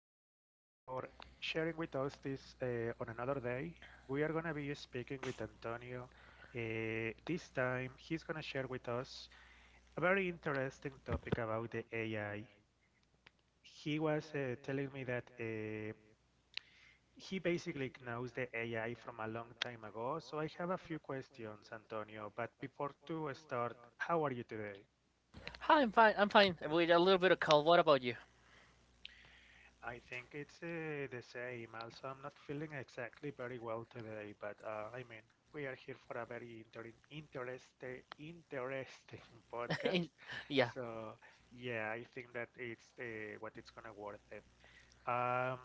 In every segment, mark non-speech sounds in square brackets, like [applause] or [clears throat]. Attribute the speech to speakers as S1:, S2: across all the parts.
S1: one more time for sharing with us this on another day. We are going to be speaking with Antonio. This time, he's going to share with us a very interesting topic about the AI. He was telling me that he basically knows the AI from a long time ago. So I have a few questions, Antonio. But before to start, how are you today?
S2: Hi, I'm fine. I with a little bit of cold. What about you?
S1: I think it's the same. Also, I'm not feeling exactly very well today, but I mean, we are here for a very interesting, interesting [laughs]
S2: [laughs]
S1: podcast.
S2: In- yeah.
S1: So, yeah, I think that it's what it's gonna worth it. Um,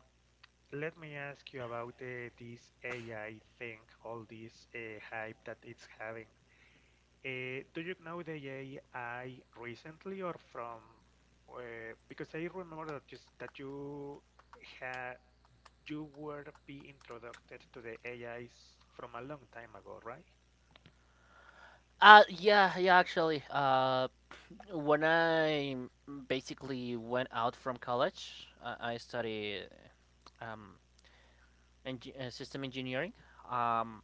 S1: Let me ask you about this AI thing, all this hype that it's having. Do you know the AI recently or from? Because I remember that just that you had you were be introduced to the AIs from a long time ago, right?
S2: Yeah, actually. When I basically went out from college, I studied um, system engineering. Um,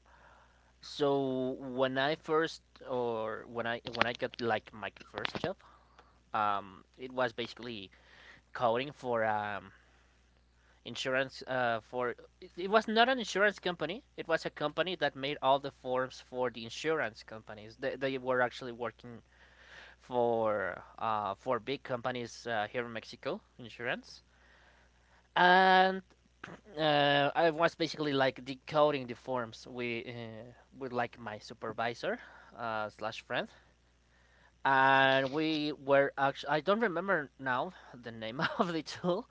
S2: so when I first, or when I got like my first job, it was basically coding for insurance . It was not an insurance company, it was a company that made all the forms for the insurance companies. They were actually working for big companies here in Mexico, insurance. And I was basically like decoding the forms with like my supervisor slash friend. And we were actually, I don't remember now the name [laughs] of the tool,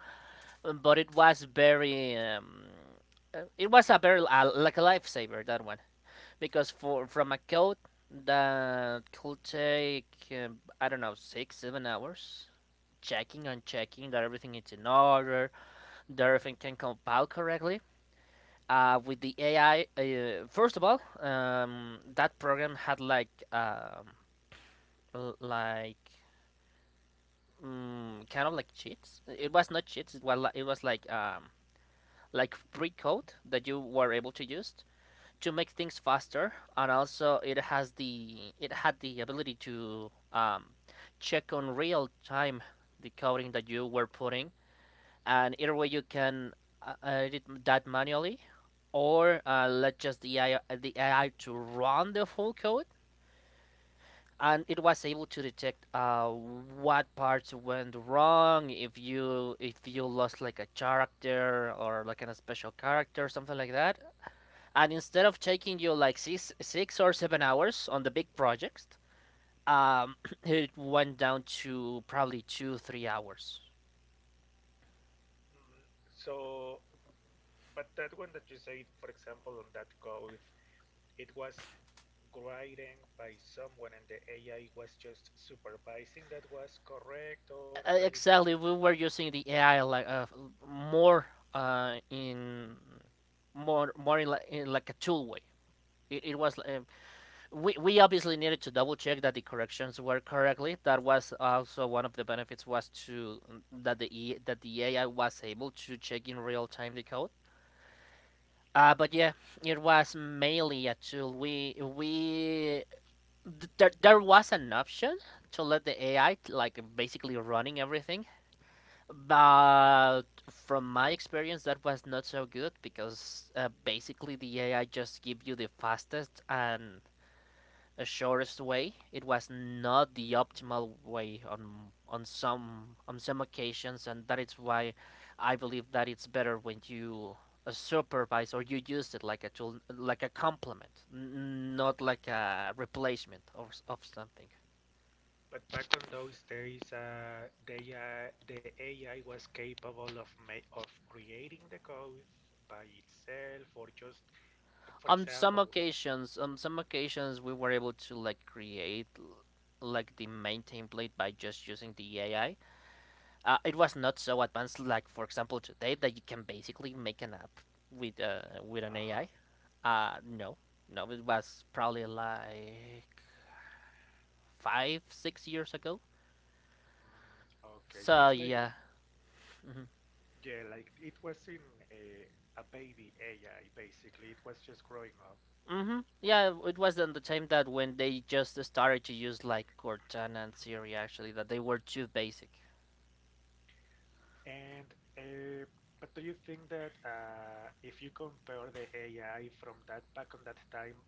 S2: but it was very it was a very like a lifesaver, that one. Because for from a code that could take, I don't know, 6 7 hours, checking and checking that everything is in order, that everything can compile correctly. With the AI, first of all, that program had like like kind of like cheats. It was not cheats. It was like free code that you were able to use to make things faster. And also it has the it had the ability to check on real time the coding that you were putting, and either way you can edit that manually, or let just the AI to run the full code. And it was able to detect what parts went wrong, if you lost like a character, or like a special character, or something like that. And instead of taking you like 6 or 7 hours on the big project, um, [clears throat] it went down to probably 2 3 hours.
S1: Mm. So, but that one that you said, for example, on that code, it was writing by someone and the AI was just supervising that was correct or
S2: Uh,
S1: trying to.
S2: Exactly, we were using the AI like more uh, in more in in like a tool way. It was we obviously needed to double check that the corrections were correctly. That was also one of the benefits, was to, that the AI was able to check in real time the code. But yeah, it was mainly a tool. There was an option to let the AI like basically running everything, but from my experience that was not so good because, basically the AI just give you the fastest and a shortest way. It was not the optimal way on on some occasions, and that is why I believe that it's better when you supervise, or you use it like a tool, like a complement, not like a replacement of something.
S1: But back on those days, the AI was capable of of creating the code by itself or just, for example,
S2: On some occasions, we were able to like create like the main template by just using the AI. It was not so advanced like for example today, that you can basically make an app with an
S1: uh-huh.
S2: AI. No, no, it was probably like five, 6 years ago.
S1: Mm, okay,
S2: So
S1: it's like,
S2: yeah. Hmm.
S1: yeah, like it was in a baby AI basically. It was just growing up.
S2: Hmm, yeah, it was at the time that when they just started to use like Cortana and Siri, actually, that they were too basic.
S1: And uh, but do you think that if you compare the AI from that back on that time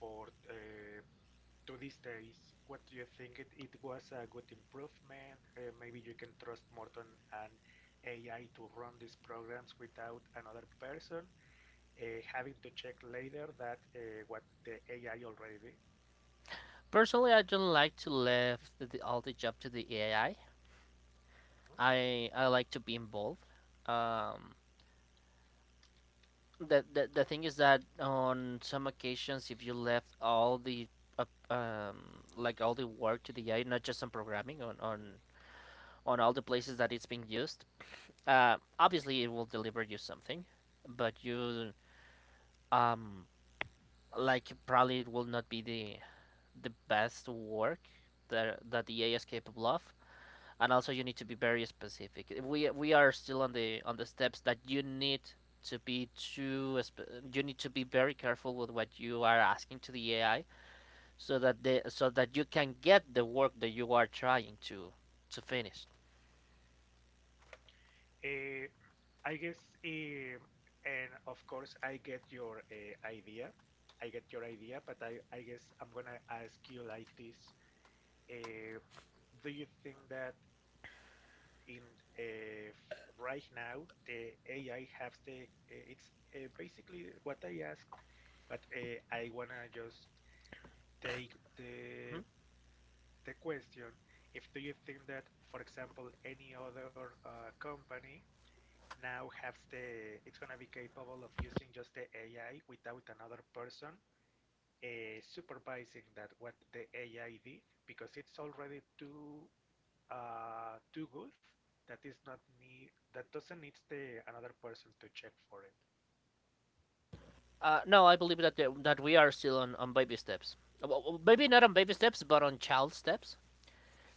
S1: for to these days, what do you think it was a good improvement? Maybe you can trust more on an AI to run these programs without another person uh, having to check later that what the AI already did.
S2: Personally, I don't like to leave all the job to the AI. I like to be involved. Um, the, the thing is that on some occasions, if you left all the uh, like all the work to the AI, not just on programming, on on all the places that it's being used, obviously it will deliver you something, but you um like probably it will not be the best work that the AI is capable of. And also you need to be very specific. We are still on the steps that you need to be too, you need to be very careful with what you are asking to the AI, so that you can get the work that you are trying to finish.
S1: Mhm. I guess, eh, and of course, I get your idea. I get your idea, but I guess I'm gonna ask you like this: uh, do you think that in right now the AI has the? It's basically what I asked, but I wanna just take
S2: Mhm.
S1: the question. If do you think that, for example, any other company now has the it's gonna be capable of using just the AI without another person supervising that what the AI did because it's already too too good that is not need that doesn't need the another person to check for it.
S2: No, I believe that that we are still on baby steps. Uh, Maybe not on baby steps, but on child steps.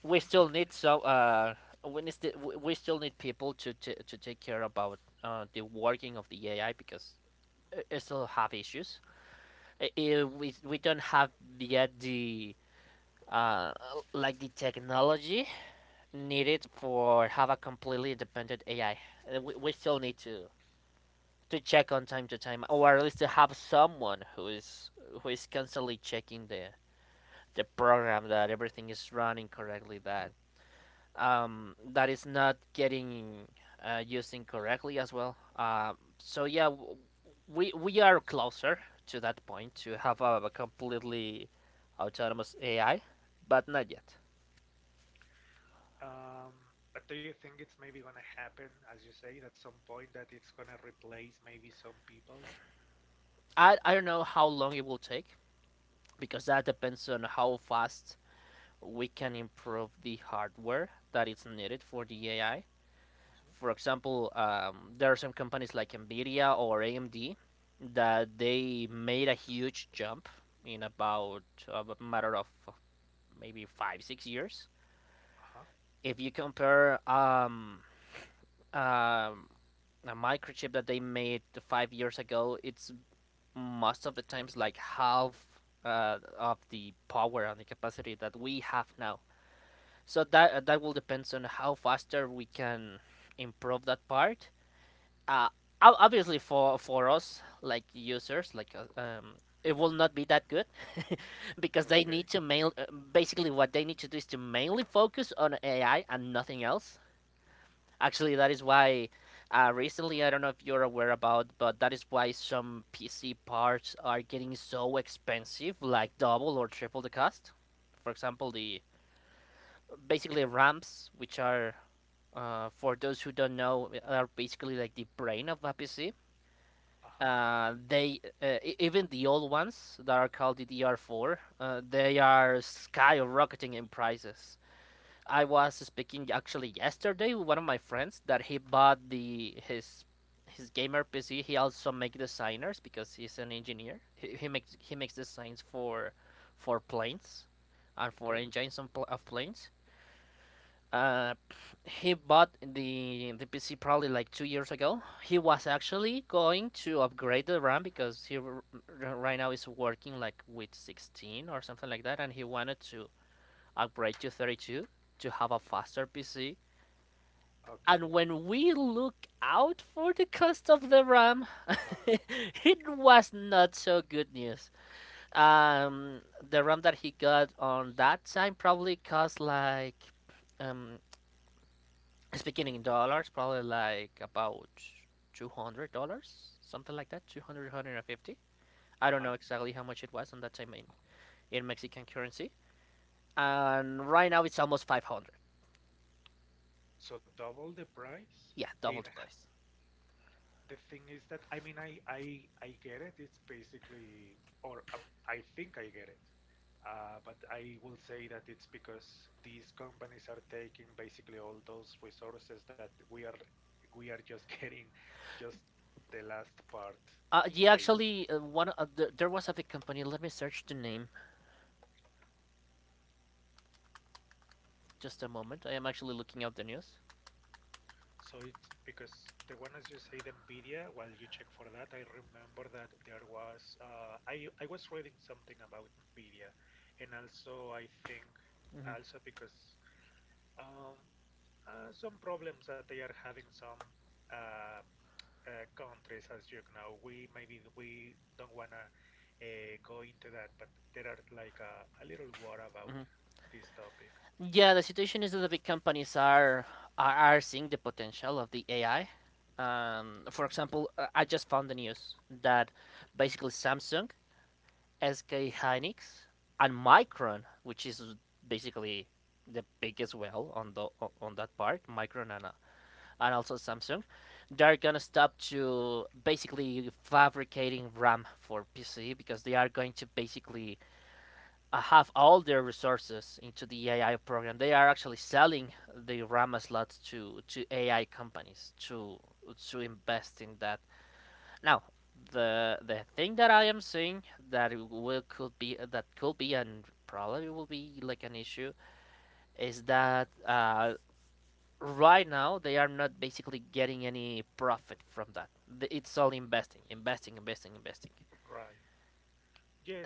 S2: We still need so we need sti- we still need people to to take care about the working of the AI, because still have issues. We don't have yet the uh, like the technology needed for have a completely independent AI. We still need to check on time to time, or at least to have someone who is, who is constantly checking the program, that everything is running correctly, that that is not getting used incorrectly as well. So yeah, we are closer to that point to have a completely autonomous AI, but not yet.
S1: Mm-hmm. But do you think it's maybe gonna happen, as you say, at some point that it's gonna replace maybe some people?
S2: I don't know how long it will take, because that depends on how fast we can improve the hardware that is needed for the AI. For example, there are some companies like Nvidia or AMD that they made a huge jump in about a matter of maybe 5 6 years.
S1: Uh huh.
S2: If you compare um, a microchip that they made 5 years ago, it's most of the times like half of the power and the capacity that we have now. So that, that will depends on how faster we can improve that part. uh, Obviously for us like users, like it will not be that good [laughs] because they need
S1: Okay.
S2: to mail, basically what they need to do is to mainly focus on AI and nothing else. Actually, that is why, recently, I don't know if you're aware about, but that is why some PC parts are getting so expensive, like double or triple the cost. For example, the basically RAMs, which are, for those who don't know, are basically like the brain of a PC.
S1: Uh huh.
S2: Even the old ones that are called DDR4, they are skyrocketing in prices. I was speaking, actually, yesterday with one of my friends, that he bought the his gamer PC. He also make designers because he's an engineer. He makes designs for planes and for
S1: Okay.
S2: engines on pl- of planes. Uh, he bought the PC probably like 2 years ago. He was actually going to upgrade the RAM, because right now is working like with 16 or something like that, and he wanted to upgrade to 32, to have a faster PC.
S1: Okay.
S2: And when we look out for the cost of the RAM,
S1: Uh huh.
S2: [laughs] it was not so good news. The RAM that he got on that time probably cost like um speaking in dollars, probably like about $200, something like that, 200, I
S1: Uh
S2: don't
S1: huh.
S2: know exactly how much it was on that time in Mexican currency. And right now it's almost 500.
S1: So double the price.
S2: Yeah,
S1: And
S2: double the price.
S1: the thing is that I mean I get it. It's basically or I think I get it. But I will say that it's because these companies are taking basically all those resources that we are just [laughs] getting just the last part
S2: Yeah,
S1: maybe.
S2: actually, there was a big company. Let me search the name. Just a moment. I am actually looking up the news.
S1: So it's because the one as you say, the Nvidia, while you check for that, I remember that there was I was reading something about Nvidia, and also I think
S2: Hmm.
S1: also because um, some problems that they are having some uh, countries, as you know, we maybe we don't wanna go into that, but there are like a little war about
S2: Hmm.
S1: this topic.
S2: Yeah, the situation is that the big companies are, seeing the potential of the AI. For example, I just found the news that basically Samsung, SK Hynix, and Micron, which is basically the biggest, well, on the on that part, Micron, and also
S1: Hmm?
S2: Samsung, they're gonna stop to basically fabricating RAM for PC, because they are going to basically have all their resources into the AI program. They are actually selling the RAM slots to AI companies to invest in that. Now, the thing that I am seeing, that will could be that could be, and probably will be, like an issue, is that right now they are not basically getting any profit from that. It's all investing, investing, investing, investing.
S1: Right.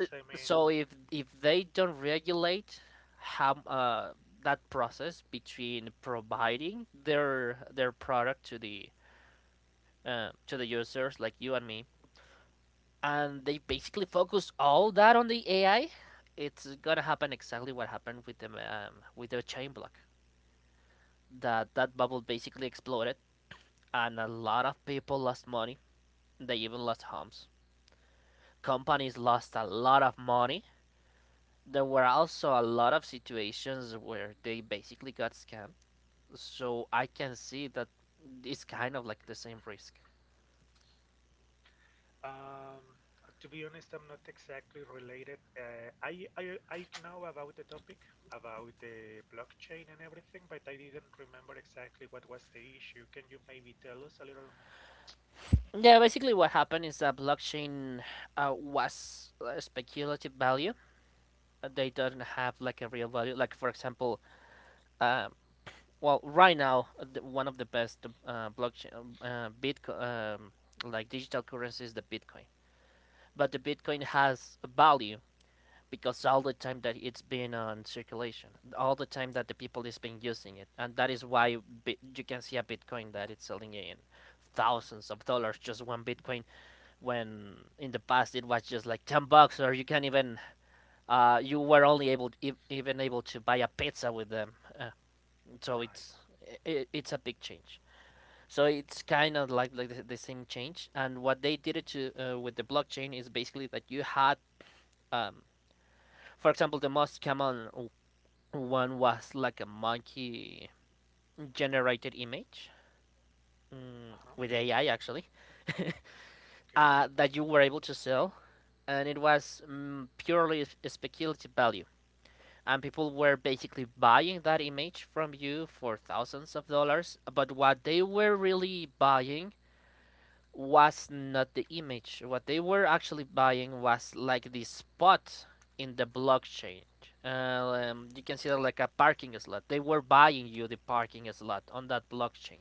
S2: Uh,
S1: I mean,
S2: So if they don't regulate how, that process between providing their product to the users like you and me, and they basically focus all that on the AI, it's gonna happen exactly what happened with the chain block. That that bubble basically exploded, and a lot of people lost money. They even lost homes. Companies lost a lot of money. There were also a lot of situations where they basically got scammed. So I can see that it's kind of like the same risk.
S1: Um, to be honest, I'm not exactly related. I know about the topic, about the blockchain and everything, but I didn't remember exactly what was the issue. Can you maybe tell us a little more?
S2: Yeah, basically what happened is that blockchain was a speculative value. They don't have like a real value. Like for example, um, well, right now one of the best blockchain Bitcoin like digital currency is the Bitcoin, but the Bitcoin has a value because all the time that it's been on circulation, all the time that the people is been using it, and that is why you can see a Bitcoin that it's selling in thousands of dollars, just one bitcoin, when in the past it was just like 10 bucks. Or you can't even you were only able even able to buy a pizza with them. Uh, so
S1: Right.
S2: it's it's a big change. So it's kind of like the same change. And what they did it to with the blockchain is basically that you had, um, for example, the most common one was like a monkey generated image mm,
S1: Uh-huh.
S2: with AI actually. [laughs]
S1: Okay.
S2: That you were able to sell, and it was purely speculative value. And people were basically buying that image from you for thousands of dollars, but what they were really buying was not the image. What they were actually buying was like the spot in the blockchain. You can see that like a parking slot. They were buying you the parking slot on that blockchain.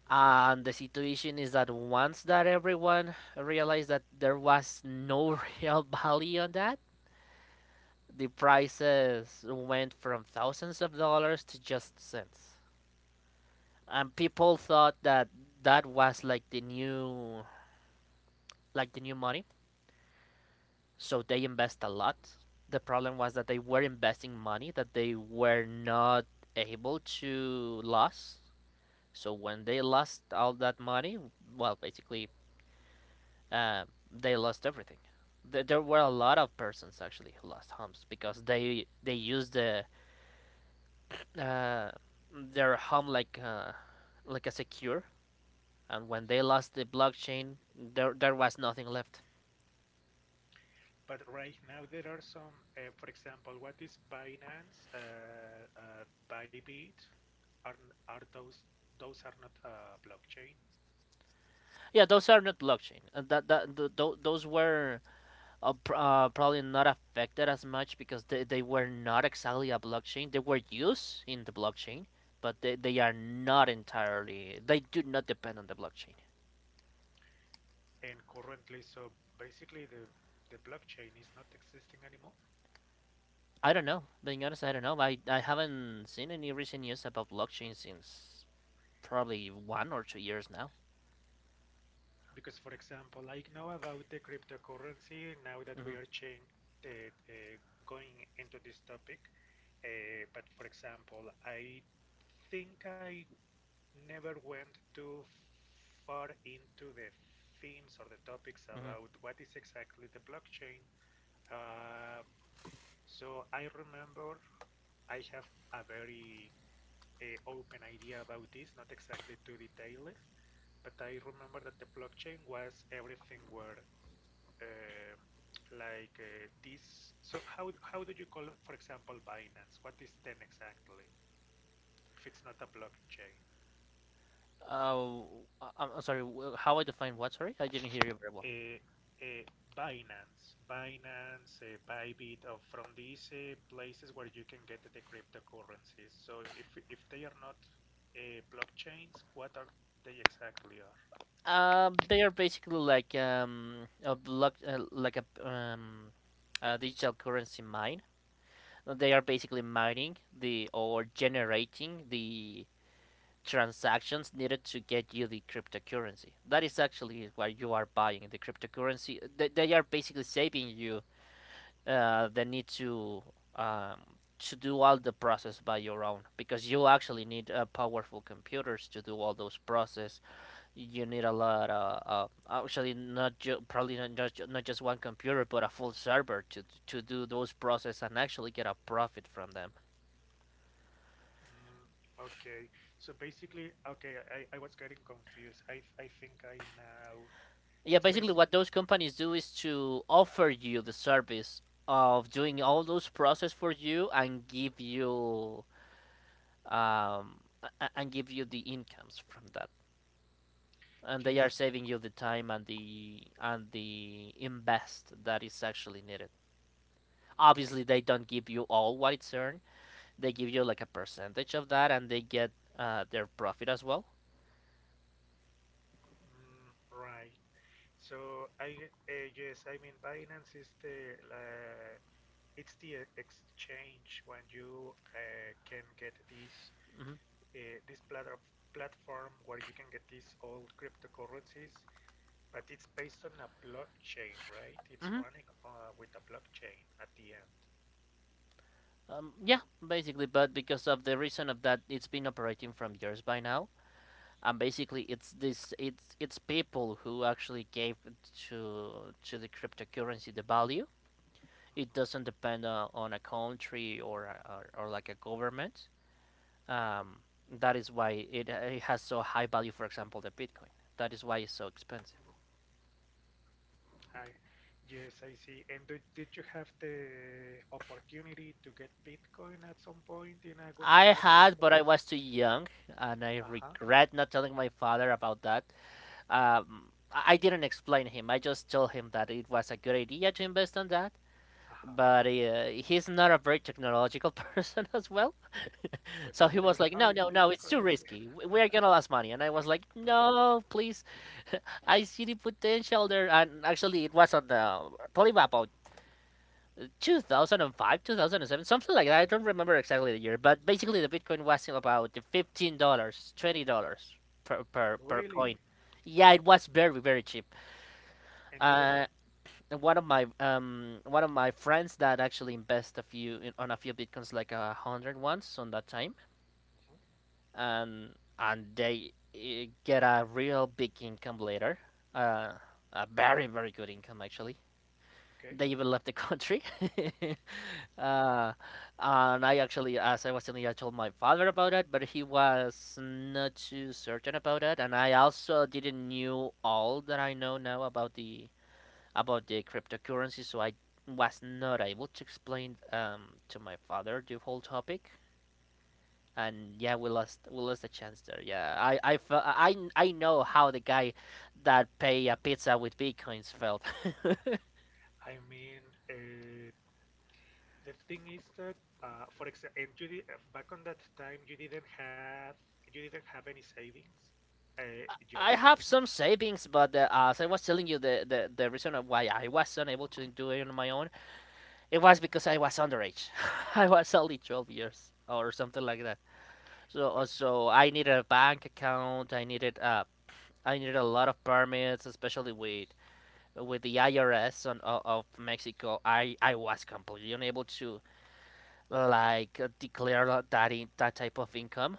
S1: Mm,
S2: And the situation is that once that everyone realized that there was no [laughs] real value on that, the prices went from thousands of dollars to just cents. And people thought that that was like the new money, so they invest a lot. The problem was that they were investing money that they were not able to lose. So when they lost all that money, well, basically, uh, they lost everything. There were a lot of persons actually who lost homes because they used the uh, their home, like like a secure, and when they
S1: mhm.
S2: lost the blockchain, there was nothing left.
S1: But right now there are some, for example, what is Binance, Bybit, are are those are not blockchain,
S2: Yeah, those are not blockchain, and those were probably not affected as much, because they were not exactly a blockchain, they were used in the blockchain, but they are not entirely, they do not depend on the blockchain.
S1: and currently, so basically the blockchain is not existing anymore.
S2: I don't know, being honest, I don't know. I haven't seen any recent news about blockchain since probably 1 or 2 years now.
S1: Because, for example, I know about the cryptocurrency now that we
S2: Hmm.
S1: are change, uh, uh, going into this topic. But, for example, I think I never went too far into the themes or the topics
S2: Hmm.
S1: about what is exactly the blockchain. Um, so I remember I have a very open idea about this, not exactly too detailed, but I remember that the blockchain was everything where uh, like this. So how do you call, for example, Binance? What is ten exactly? If it's not a blockchain,
S2: Uh, I'm sorry. How I define what? Sorry, I didn't hear you very well.
S1: uh, uh, Binance, Bybit, from these places where you can get the cryptocurrencies. So if they are not blockchains, what are they exactly are?
S2: They are basically like a block, like a digital currency mine. They are basically mining the, or generating the, transactions needed to get you the cryptocurrency. That is actually what you are buying, the cryptocurrency. They are basically saving you the need to do all the process by your own, because you actually need powerful computers to do all those process. You need a lot of actually not ju- probably not just one computer but a full server to do those process and actually get a profit from them.
S1: Mm, okay, so basically, okay, I was getting confused. I think I now
S2: Yeah,
S1: it's
S2: basically
S1: basically.
S2: what those companies do is to offer you the service of doing all those process for you, and um give you the incomes from that. And they are
S1: Just
S2: saving you the time and the invest that is actually needed. Obviously, they don't give you all what it's earned. They give you like a percentage of that, and they get their profit as well.
S1: mm, right. So I yes, I mean Binance is the it's the exchange when you can get this
S2: Mm-hmm.
S1: this platform where you can get these old cryptocurrencies, but it's based on a blockchain, right? It's
S2: Mm-hmm.
S1: running with a blockchain at the end.
S2: Yeah, basically. But because of the reason of that, it's been operating from years by now, and basically, it's this it's people who actually gave to the cryptocurrency the value. It
S1: Mhm.
S2: doesn't depend on a country, or like a government. Um, that is why it has so high value, for example, the Bitcoin. That is why it's so expensive.
S1: I yes, I see. And did you have the opportunity to get Bitcoin at some point in a
S2: I
S1: on a good
S2: had,
S1: place?
S2: but I was too young, and I
S1: Uh-huh.
S2: regret not telling my father about that. I didn't explain him. I just told him that it was a good idea to invest on that,
S1: Uh-huh.
S2: but he's not a very technological [laughs] person as well.
S1: So he
S2: So he
S1: said,
S2: was like,
S1: "Are
S2: "No,
S1: you-
S2: no,
S1: you're
S2: no, it's too
S1: crazy,"
S2: risky. We are gonna lose money." And I was like,
S1: [laughs] right?
S2: "No, please. I see the potential there." And actually, it was on the Polybap 2005, 2007, something like that. I don't remember exactly the year, but basically the Bitcoin was about $15, dollars, $20 per coin.
S1: Really?
S2: Yeah, it was very, very cheap.
S1: And you don't?
S2: Uh, One of my friends that actually invest a few on a few bitcoins, like a hundred once on that time,
S1: Mhm.
S2: and and they get a real big income later. Uh, a very, very good income actually.
S1: Okay.
S2: They even left the country. [laughs]
S1: Uh-huh.
S2: Uh, and I actually, as I was telling you, I told my father about it, but he was not too certain about it. And I also didn't knew all that I know now about the cryptocurrency, so I was not able to explain to my father the whole topic. And yeah, we lost a chance there. Yeah, I fe- I know how the guy that pay a pizza with bitcoins felt. [laughs]
S1: I mean, uh, the thing is that, for example, and you did, back on that time, you didn't have any savings
S2: I have
S1: yourself,
S2: some savings, but as I was telling you, the reason why I was unable to do it on my own, it was because I was underage. [laughs] I was only 12 years or something like that. So uh,
S1: but
S2: so I needed a bank account. I needed a lot of permits, especially with the IRS on, o of Mexico. I was completely unable to declare that that type of income,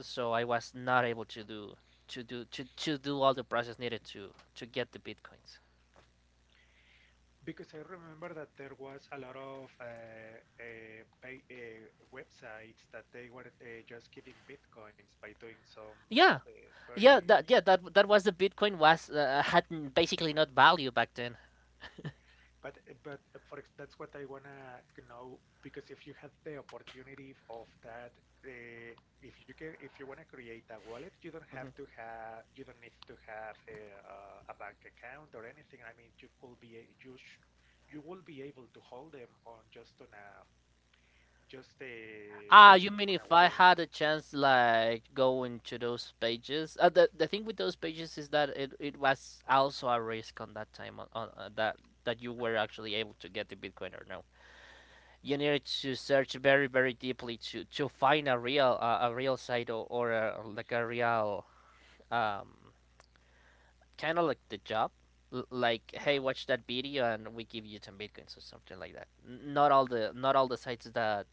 S2: so I was not able to do all the process needed to get the bitcoins.
S1: because I remember that there was a lot of uh, pay, uh, websites that they were just giving bitcoins by doing some
S2: Yeah,
S1: uh,
S2: yeah,
S1: very
S2: that yeah that that was the Bitcoin basically not value back then.
S1: But but for that's what I wanna know because if you have the opportunity of that, uh, if you can, if you wanna create a wallet, you don't have
S2: Mhm.
S1: to have, you don't need to have a bank account or anything. I mean, you could be, you sh you will be able to hold them on just on a just a
S2: Ah, you mean
S1: on a
S2: if I
S1: wallet.
S2: had a chance like going to those pages? The thing with those pages is that it was also a risk on that time, on that you were actually able to get the Bitcoin or no. You needed to search very deeply to find a real site, or like a real um, kind of like the job. Like, hey,
S1: Uh-huh.
S2: watch that video and we give you ten bitcoins or something like that. Not all the sites that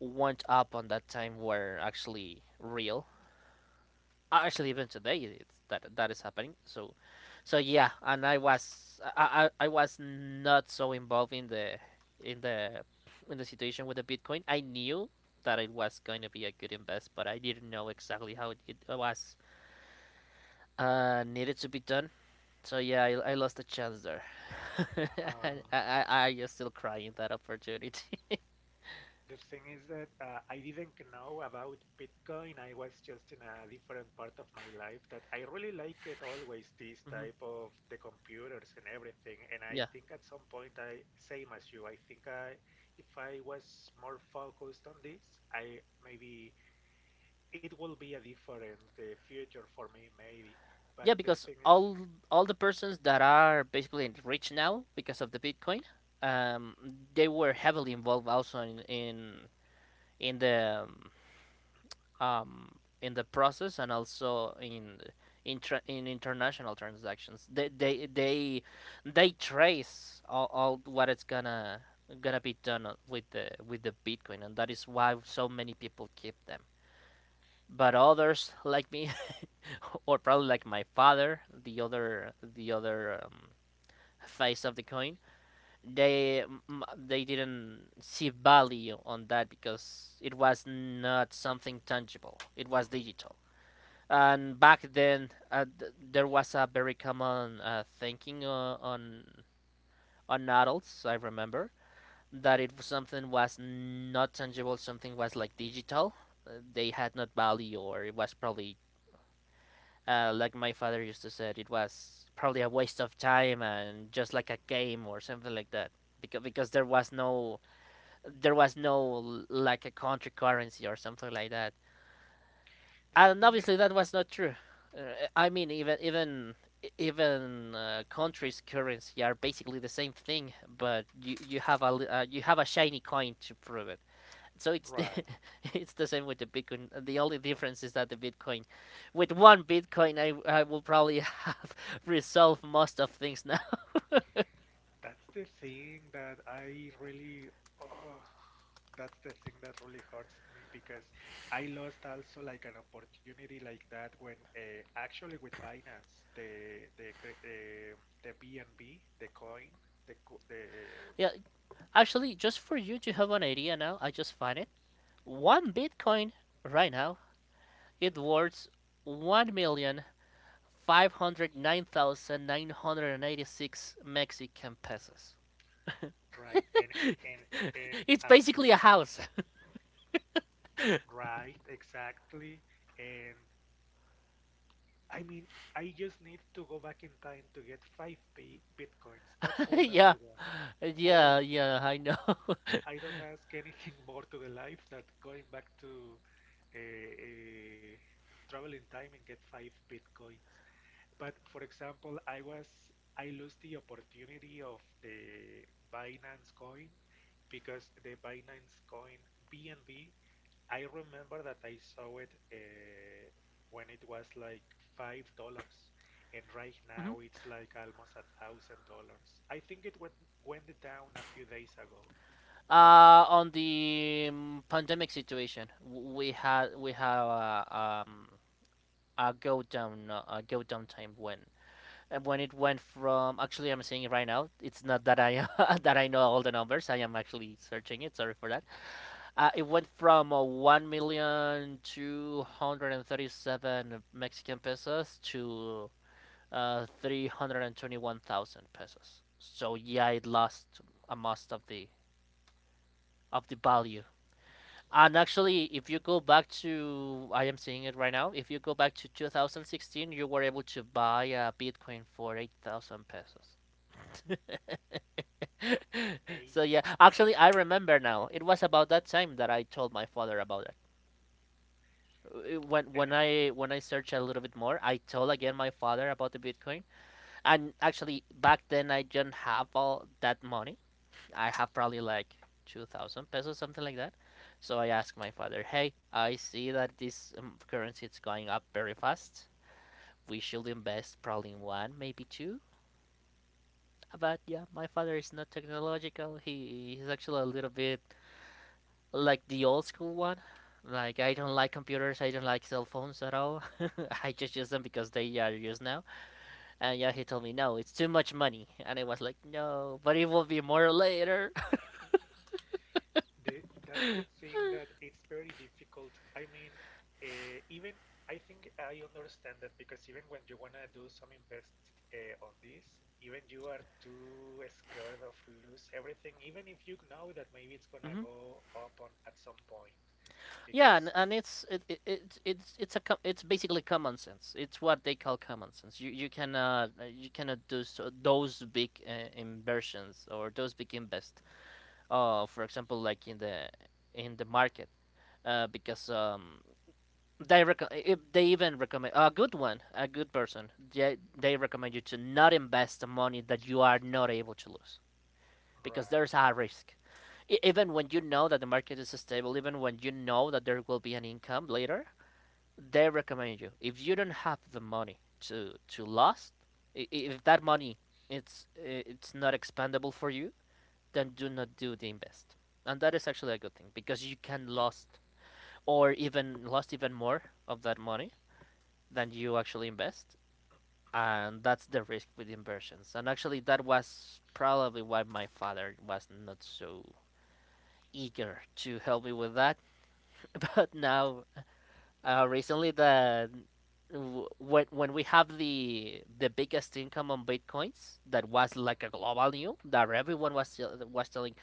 S2: went up on that time were actually real. Actually, even today, it's that is happening. So yeah, and I was not so involved in the in the situation with the Bitcoin. I knew that it was going to be a good invest, but I didn't know exactly how it was needed to be done. So yeah, I lost a chance there. [laughs] I,
S1: Uh,
S2: I I just still crying that opportunity.
S1: The thing is that I didn't know about Bitcoin. I was just in a different part of my life that I really like it always, this
S2: [laughs] Hmm.
S1: type of the computers and everything. And I
S2: Yeah,
S1: think at some point same as you, I think I, if I was more focused on this, I maybe it will be a different future for me, maybe. But
S2: yeah,
S1: the
S2: because
S1: thing is,
S2: all the persons that are basically rich now because of the Bitcoin, um, they were heavily involved also in the um, um, in the process, and also in international transactions. They trace all what it's gonna be done with the Bitcoin, and that is why so many people keep them. But others like me, [laughs] or probably like my father, the other face of the coin, they they didn't see value on that because it was not something tangible. It was digital. And back then, there was a very common thinking on adults. I remember that
S1: mhm,
S2: if something was not tangible, something was like digital. They had not value, or it was probably like my father used to say, it was probably a waste of time and just like a game or something like that. Because there was no like a country currency or something like that.
S1: the
S2: And
S1: thing is,
S2: obviously that was not true. Uh, I mean, even countries' currency are basically the same thing, but you have a shiny coin to prove it. So it's the
S1: right.
S2: [laughs] it's the same with the Bitcoin. The only difference is that the Bitcoin, with one Bitcoin, I will probably have [laughs] resolved most of things now. [laughs]
S1: That's the thing that I really, oh, that's the thing that really hurts me because I lost also like an opportunity like that when actually with Binance, the cre- the BNB, the coin, the co- the
S2: Yeah, actually, just for you to have an idea now, I just find it. One Bitcoin right now, it worth one million 509,986 Mexican pesos.
S1: right and and
S2: [laughs]
S1: and
S2: It's
S1: a
S2: basically a
S1: few
S2: house.
S1: right exactly, and I mean I just need to go back in time to get five B bitcoins. That's
S2: [laughs]
S1: all that
S2: Yeah,
S1: I want. All
S2: yeah, yeah, I know. [laughs]
S1: I don't ask anything [laughs] more to the life that going back to uh, uh, travel in time and get five bitcoins. But for example, I lost the opportunity of the Binance coin because the Binance coin BNB. I remember that I saw it when it was like $5, and right
S2: Mhm.
S1: now it's like almost $1,000. I think it went went down a few days ago, but.
S2: On the pandemic situation, we have a go down time when it went from, actually I'm saying it right now. It's not that I [laughs] that I know all the numbers. I am actually
S1: Mhm.
S2: searching it. Sorry for that. It went from 1,237 Mexican pesos to 321,000 pesos. So yeah, it lost a most of the value. And actually, if you go back to— I am seeing it right now, if you go back to 2016, you were able to buy a Bitcoin for 8,000 pesos. [laughs] So yeah,
S1: 8,000.
S2: actually I remember now. It was about that time that I told my father about— uh, when
S1: And
S2: when I when I searched a little bit more, I told again my father about the Bitcoin. And actually, back then I didn't have all that money. I have probably like 2,000 pesos, something like that. So I asked my father, "Hey, I see that this currency is going up very fast. We should invest probably in one, maybe two." But yeah, my father is not technological. He's actually a little bit like the old school one. Like, I don't like
S1: right.
S2: computers, I don't like cell phones at all. [laughs] I just use them because they are used now. And yeah, he told me no, it's too much money, and I was like no, but it will be more later.
S1: The, that's the thing that it's very difficult. I mean, even I think I understand that because even when you want to do some invest on this, even you are too scared of lose everything, even if you know that maybe it's
S2: [laughs]
S1: gonna
S2: Hmm.
S1: go up on at some point
S2: Yeah,
S1: because
S2: and it's it, it, it it's a it's basically common sense. It's what they call common sense. You cannot you cannot do so, those big inversions or those big invest. For example, like in the market, because if they even recommend a good one, a good person. They recommend you to not invest the money that you are not able to lose, because there's
S1: right.
S2: a risk. Even when you know that the market is stable, even when you know that there will be an income later, they recommend you if you don't have the money to lose, if that money it's it's not expandable for you, then do not do the invest. And that is actually a good thing, because you can lost, or even lost even more of that money than you actually invest. And that's the risk with inversions. And actually, that was probably why my father was not so eager to help me with that. [laughs] But now, recently, the when we have the biggest income on bitcoins, that was like a global news that everyone was telling,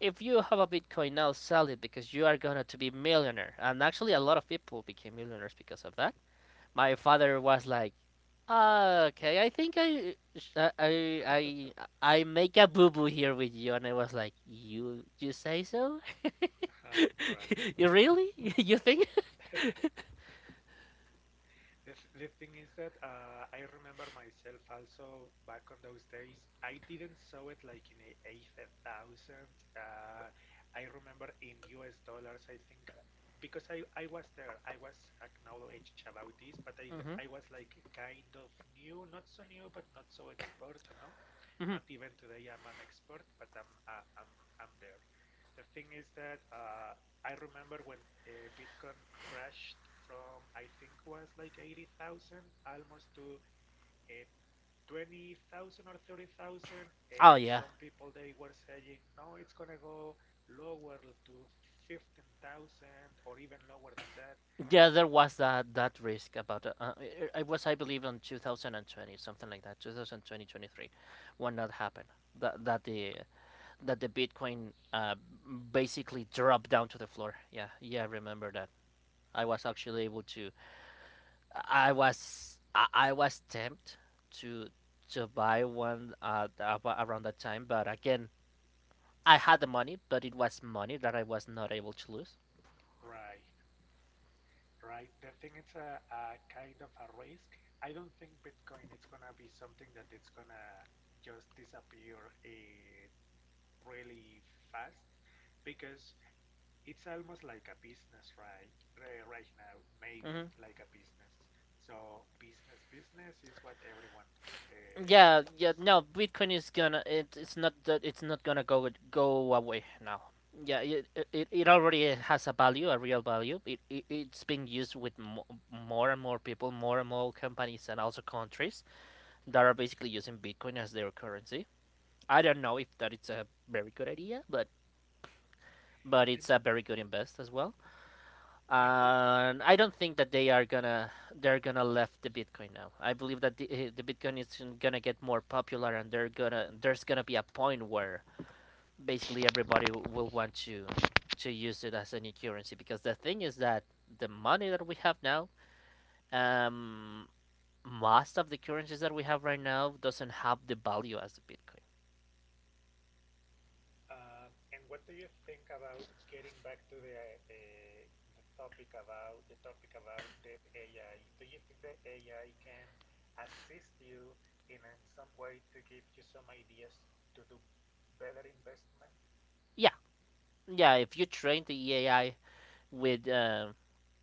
S2: if you have a bitcoin now sell it because you are gonna to be millionaire, and actually a lot of people became millionaires because of that. My
S1: Uh-huh.
S2: father was like, "Ah, okay, I think I sh- I I make a boo boo here with you," and I was like, You say so?
S1: Uh-huh, right.
S2: [laughs] You really? [laughs] You think?"
S1: The thing is that I remember myself also back on those days. I didn't saw it like in a eighth thousand. I remember in US dollars, I think, because I was there. I was acknowledged about this, but
S2: Hmm.
S1: I was like kind of new, not so new, but not so expert, no?
S2: Hmm.
S1: Not even today I'm an expert, but I'm there. The thing is that I remember when Bitcoin crashed from I think was like 80,000 almost to uh, 20,000 or 30,000,
S2: Oh
S1: and
S2: yeah,
S1: some people they were saying no, it's gonna go lower to 15,000 or even lower than that,
S2: yeah.
S1: but
S2: There was that that risk about. It was, I believe, on 2020, something like that, two thousand twenty 23, when that happened. That that the that the Bitcoin basically dropped down to the floor. Yeah, yeah. I remember that. I was actually able to— I was tempted to buy one around that time, but again, I had the money, but it was money that I was not able to lose.
S1: right, right, the thing it's a kind of a risk. I don't think Bitcoin it's gonna be something that it's gonna just disappear really fast, because it's almost like a business, right, right now, maybe
S2: Hmm.
S1: like a business. So business is what everyone
S2: Yeah, yeah,
S1: likes.
S2: no, Bitcoin is gonna it, it's not that it's not gonna go away now. Yeah, it, it already has a value, a real value. It's being used with mo more and more people, more and more companies, and also countries that are basically using Bitcoin as their currency. I don't know if that it's a very good idea, but
S1: And
S2: it's a very good invest as well.
S1: I mean we
S2: And I don't think that they're gonna left the Bitcoin now. I believe that the Bitcoin is gonna get more popular, and they're gonna there's gonna be a point where basically everybody will want to use it as a new currency. Because the thing is that the money that we have now, um, most of the currencies that we have right now doesn't have the value as the Bitcoin.
S1: um, and what do you think about getting back to the the topic about the AI? Do you think the AI can assist you in some way to give you some ideas to do better investment?
S2: Yeah, yeah. If you train the AI with uh,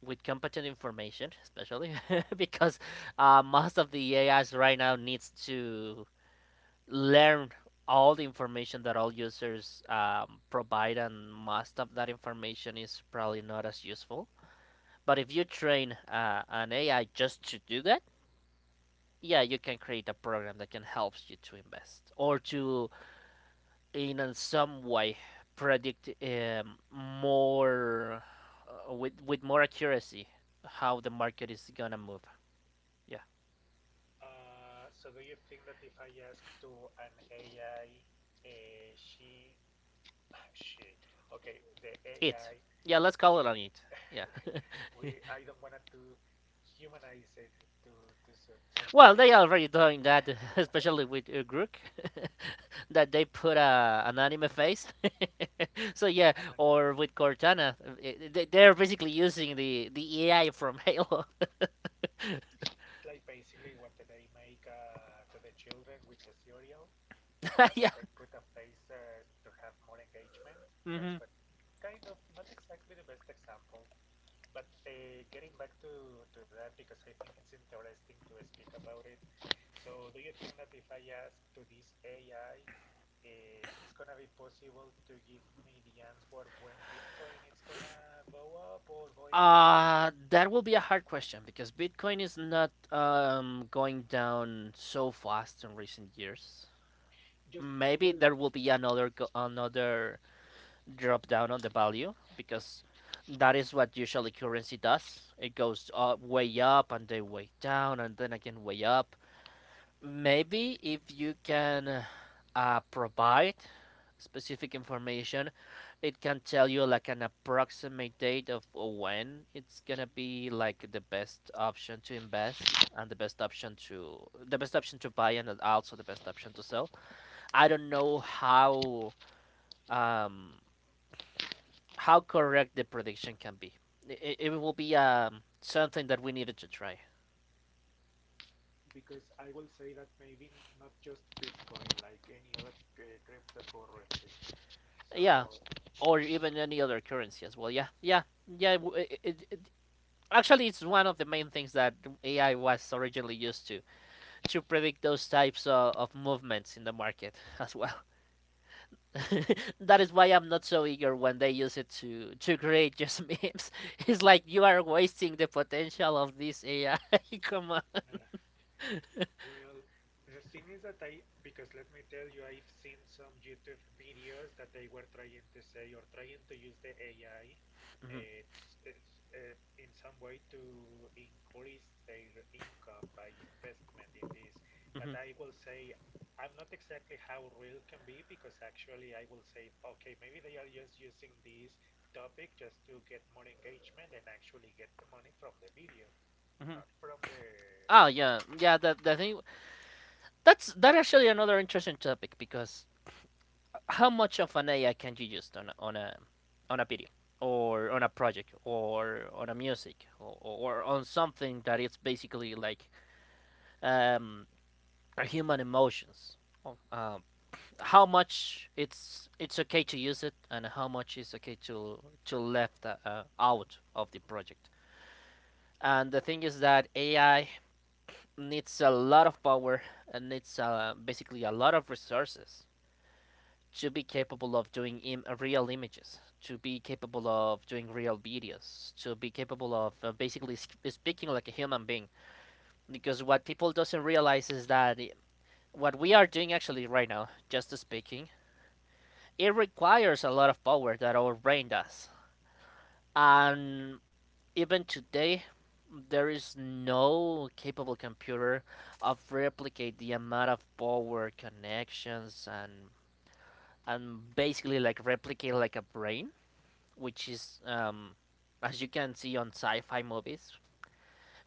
S2: with competent information, especially, [laughs] because most of the AIs right now needs to learn all the information that all users provide, and most of that information is probably not as useful. But if you train an AI just to do that, yeah, you can create a program that can help you to invest, or to in a some way predict more with more accuracy how the market is gonna move. Yeah,
S1: So do you think that if I ask to an AI, uh, she, she, okay, the
S2: it.
S1: AI,
S2: Yeah, let's call it on it.
S1: [laughs]
S2: Yeah.
S1: we,
S2: [laughs]
S1: I don't wanna to humanize it to some, okay,
S2: Well, they already doing that, [laughs] especially with Grook, [laughs] that they put a an anime face. [laughs] So yeah,
S1: and then
S2: or with Cortana, they're basically using the AI from Halo.
S1: it's like basically what they make to the children with the cereal,
S2: [laughs] Yeah.
S1: that they put a face to have more engagement. That's
S2: Hmm.
S1: what kind of not exactly the best example. But getting back to that, because I think it's interesting to speak about it. So, do you think that if I ask to this AI, it's gonna be possible to give me the answer when Bitcoin it's gonna go up or going down?
S2: That will be a hard question because Bitcoin is not going down so fast in recent years.
S1: Just,
S2: Maybe
S1: well,
S2: there will be another another drop down on the value, because that is what usually currency does. It goes way up and then way down and then again way up. Maybe if you can provide specific information, it can tell you like an approximate date of when it's gonna be like the best option to invest, and the best option to buy, and also the best option to sell. I don't know um how correct the prediction can be. It will be something that we needed to try.
S1: because I will say that maybe not just Bitcoin, like any other cryptocurrency. So,
S2: Yeah, or even any other currency as well. Yeah, yeah, yeah. Actually, it's one of the main things that AI was originally used to predict those types of movements in the market as well. [laughs] That is why I'm not so eager when they use it to create just memes. [laughs] It's like you are wasting the potential of this AI. [laughs] Come on.
S1: mm, well, the thing is that I, because let me tell you, I've seen some YouTube videos that they were trying to say or trying to use the AI uh, s- s- in some way to increase their income by investment in this. But
S2: Hmm.
S1: I will say, I'm not exactly how real can be, because actually I will say, okay, maybe they are just using this topic just to get more engagement and actually get the money from the video,
S2: Hmm.
S1: not from the.
S2: Oh yeah, yeah. That the thing that's that actually another interesting topic, because how much of an AI can you use on a, on a on a video, or on a project, or on a music, or on something that it's basically like um are human emotions. Oh. How much it's okay to use it, and how much is okay to left out of the project. And the thing is that AI needs a lot of power, and needs basically a lot of resources to be capable of doing real images, to be capable of doing real videos, to be capable of basically speaking like a human being. Because what people doesn't realize is that what we are doing actually right now, just speaking, it requires a lot of power that our brain does. And even today, there is no capable computer of replicate the amount of power connections and basically like replicate like a brain, which is as you can see on sci-fi movies,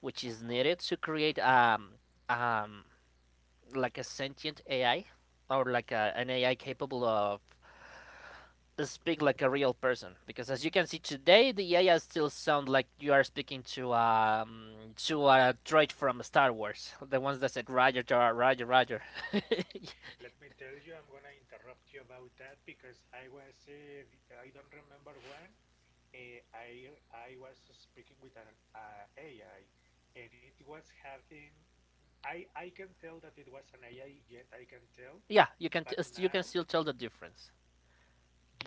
S2: which is needed
S1: Hmm.
S2: to create um like a sentient AI, or like a, an AI capable of speak like a real person, because as you can see today the AI still sound like you are speaking to a droid from Star Wars, the ones that said Roger, Roger Roger. [laughs]
S1: Let me tell you, I'm gonna interrupt you about that because I was, I don't remember when, I was speaking with an AI, and it was having, I can tell that it was an AI, yet I can tell,
S2: Yeah, you can
S1: but
S2: you can
S1: now,
S2: still tell the difference.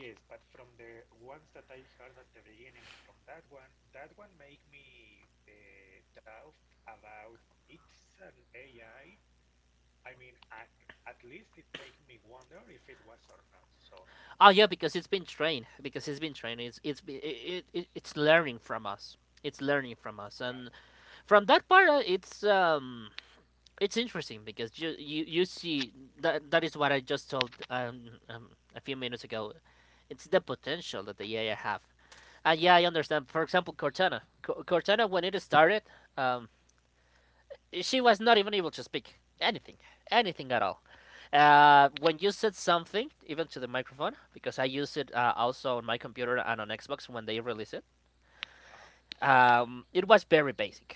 S1: yes, but from the ones that I heard at the beginning, from that one made me doubt about it's an AI. I mean, at least it made me wonder if it was or not. So.
S2: Oh yeah, because it's been trained, it's learning from us,
S1: Right.
S2: and from that part, it's interesting because you see that that is what I just told a few minutes ago. It's the potential that the AI have, and yeah, I understand. For example, Cortana, Cortana, when it started, um, she was not even able to speak anything, anything at all. When you said something, even to the microphone, because I use it also on my computer and on Xbox when they release it,
S1: Uh-huh.
S2: it was very basic.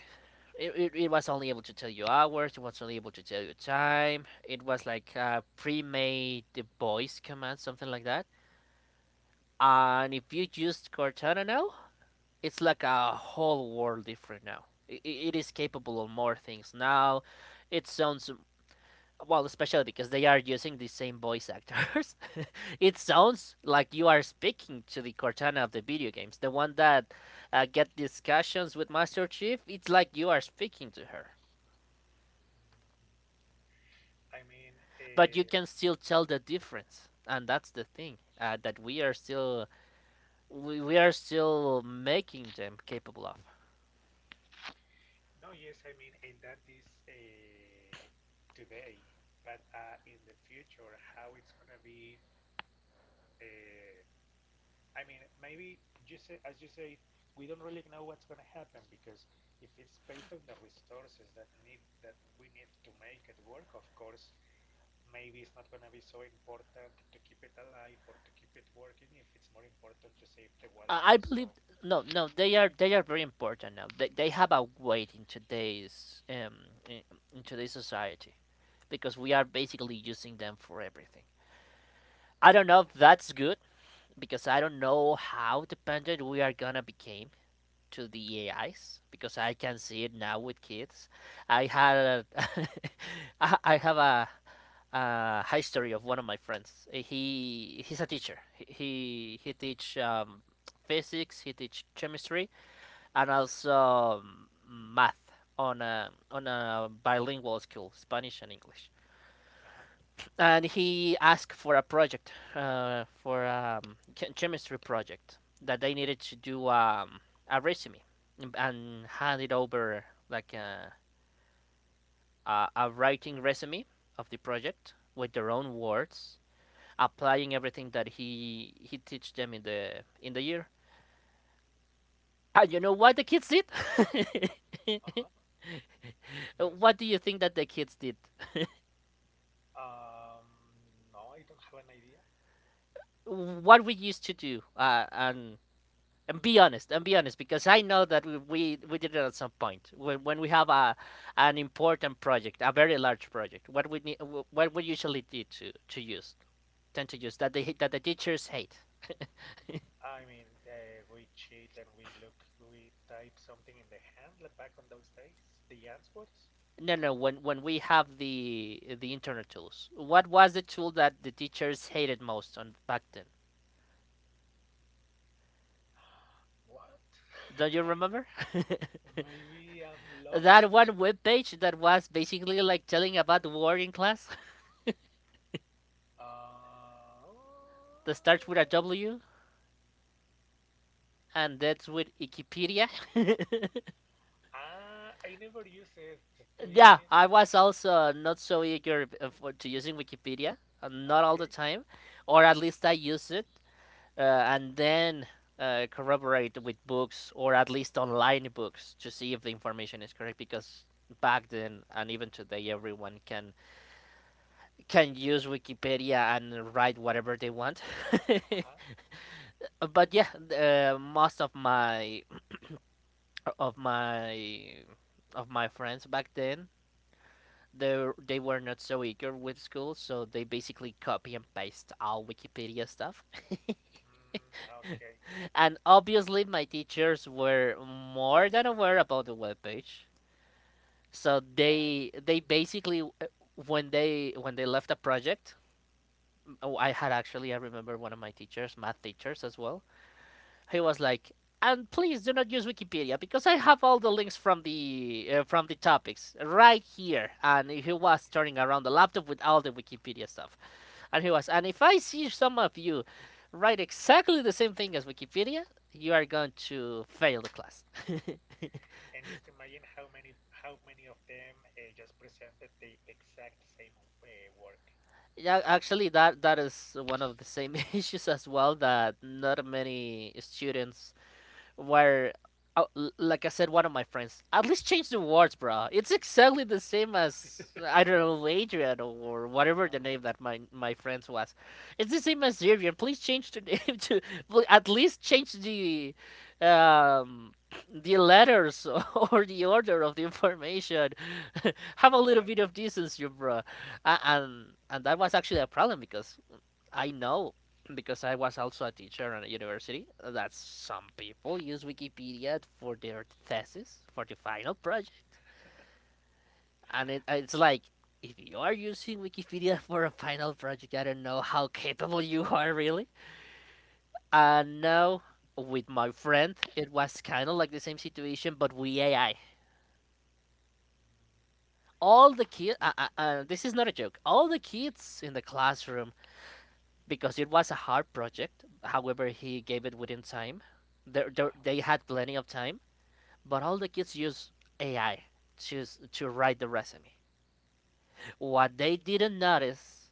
S2: It was only able to tell you hours, it was only able to tell you time. It was like a pre made voice command, something like that. And if you used Cortana now, it's like a whole world different now. It is capable of more things now. It sounds, well, especially because they are using the same voice actors. [laughs] It sounds like you are speaking to the Cortana of the video games, the one that get discussions with Master Chief. It's like you are speaking to her.
S1: I mean,
S2: But you
S1: uh,
S2: can still tell the difference, and that's the thing, that we are still we are still making them capable of...
S1: no, yes, I mean, and that is today, but in the future, how it's gonna be? Uh, I mean, maybe you said, as you say, we don't really know what's gonna happen, because if it's based on the resources that need that we need to make it work, of course, maybe it's not gonna be so important to keep it alive or to keep it working if it's more important to save the water
S2: i
S1: for
S2: believe
S1: some.
S2: no, they are they are very important now. They have a weight in today's in, today's society, because we are basically using them for everything. I don't know if that's good, because I don't know how dependent we are gonna become to the AIs, because I can see it now with kids. I had a [laughs] I have a history of one of my friends. He he's a teacher. He teach physics. He teach chemistry, and also math, on a bilingual school, Spanish and English.
S1: Uh-huh.
S2: And he asked for a project, for a chemistry project, that they needed to do a resume and hand it over like a writing resume of the project with their own words, applying everything that he teach them in the year. And you know what the kids did?
S1: Uh-huh.
S2: [laughs]
S1: Yes.
S2: What do you think that the kids did?
S1: Um, no, I don't have an idea.
S2: What we used to do, and be honest, because I know that we did it at some point when, we have a... an important project, a very large project. What we need, what we usually did to use tend to use that the teachers hate.
S1: I mean, we cheat and we look, we type something in the hand like back on those days. The answers?
S2: No, no. When we have the internet tools, what was the tool that the teachers hated most on back then?
S1: [gasps] What?
S2: Don't
S1: [laughs]
S2: you
S1: I
S2: remember?
S1: maybe I'm
S2: [laughs]
S1: lost.
S2: That one web page that was basically like telling about the war in class,
S1: Uh,
S2: [laughs] that starts with a W, and that's with Wikipedia. [laughs]
S1: ah, I never use it, to be
S2: Yeah,
S1: honest.
S2: I was also not so eager to using Wikipedia, not all the
S1: Okay.
S2: time, or at least I use it and then corroborate with books, or at least online books, to see if the information is correct, because back then and even today everyone can use wikipedia and write whatever they want.
S1: Uh-huh.
S2: [laughs] But yeah, most of my of my friends back then, they were not so eager with school, so they basically copy and paste all wikipedia stuff.
S1: Mm, okay.
S2: And obviously, my teachers were more than aware about the webpage. So
S1: Right.
S2: they basically, when they left a project... oh, I had actually... I remember one of my teachers, math teachers as well, he was like, "And please do not use Wikipedia, because I have all the links from the topics right here." And he was turning around the laptop with all the Wikipedia stuff, and he was... and, "If I see some of you write exactly the same thing as Wikipedia, you are going to fail the class." [laughs]
S1: And just imagine how many of them just presented the exact same uh, work.
S2: Yeah, actually, that is one of the same [laughs] issues as well. That not many students where, uh, like I said, one of my friends, at least change the words, bro. It's exactly the same as, I don't know, Adrian or whatever the
S1: Right.
S2: name that my friends was. It's the same as Adrian. Please change the [laughs] name to... well, at least change um the letters [laughs] or the order of the information. [laughs] Have a
S1: Para.
S2: little bit of decency, bro. And that was actually a problem, because I know, because I was also a teacher at a university, that some people use Wikipedia for their thesis, for the final project. And it, it's like, if you are using Wikipedia [laughs] for a final project, I don't know how capable you [laughs] are really. And now, with my friend, it was kind of like the same situation, but we AI. All the kids, this is not a joke, all the kids in the classroom, because it was a hard project. However, he gave it within time.
S1: Uh-huh.
S2: They had plenty of time, but all the kids use AI to write the resume. What they didn't notice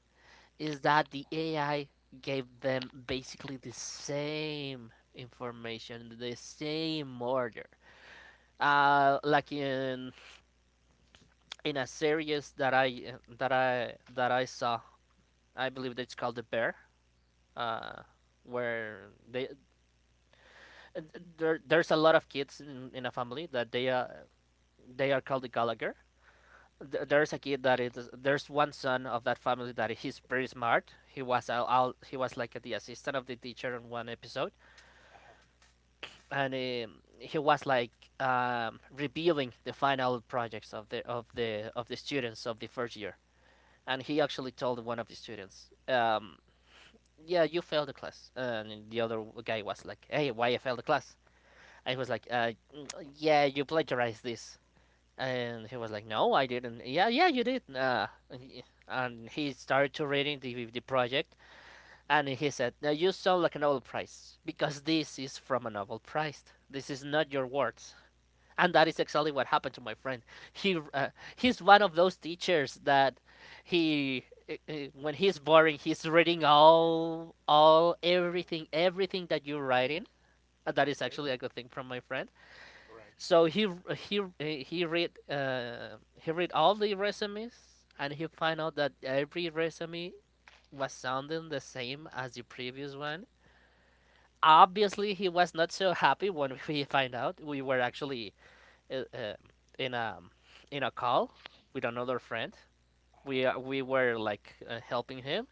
S2: is that the AI gave them basically the same information, the same order. Like in a series that I saw, I believe that it's called The Bear. Uh, where they, uh, there's a lot of kids in a family, that they, they are called the Gallagher.
S1: Uh-huh.
S2: There's a kid that is... there's one son of that family that he's pretty smart. He was al al he was like the assistant of the teacher in one episode,
S1: Uh-huh. Uh-huh.
S2: and he was like reviewing the final projects of the of the students of the first year. And he actually told one of the students, "Yeah, you failed the class." And the other guy was like, "Hey, why I failed the class?" I was like, "Yeah, you plagiarized this." And he was like, "No, I didn't." "Yeah, yeah, you did. And he started to reading the project, and he said, "Now you sound like a Nobel Prize, because this is from a Nobel Prize. This is not your words." And that is exactly what happened to my friend. He, he's one of those teachers that... he i- when he's boring, he's reading all everything that you're
S1: Mm-hmm.
S2: writing. And that is
S1: Okay.
S2: actually a good thing from my friend.
S1: Right.
S2: So he read, he read all the resumes, and he found out that every resume was sounding the same as the previous one. Obviously, he was not so happy when [laughs] we find out. We were actually, uh, uh, in a call with another friend.
S1: Uh-huh.
S2: We, we were like, helping him,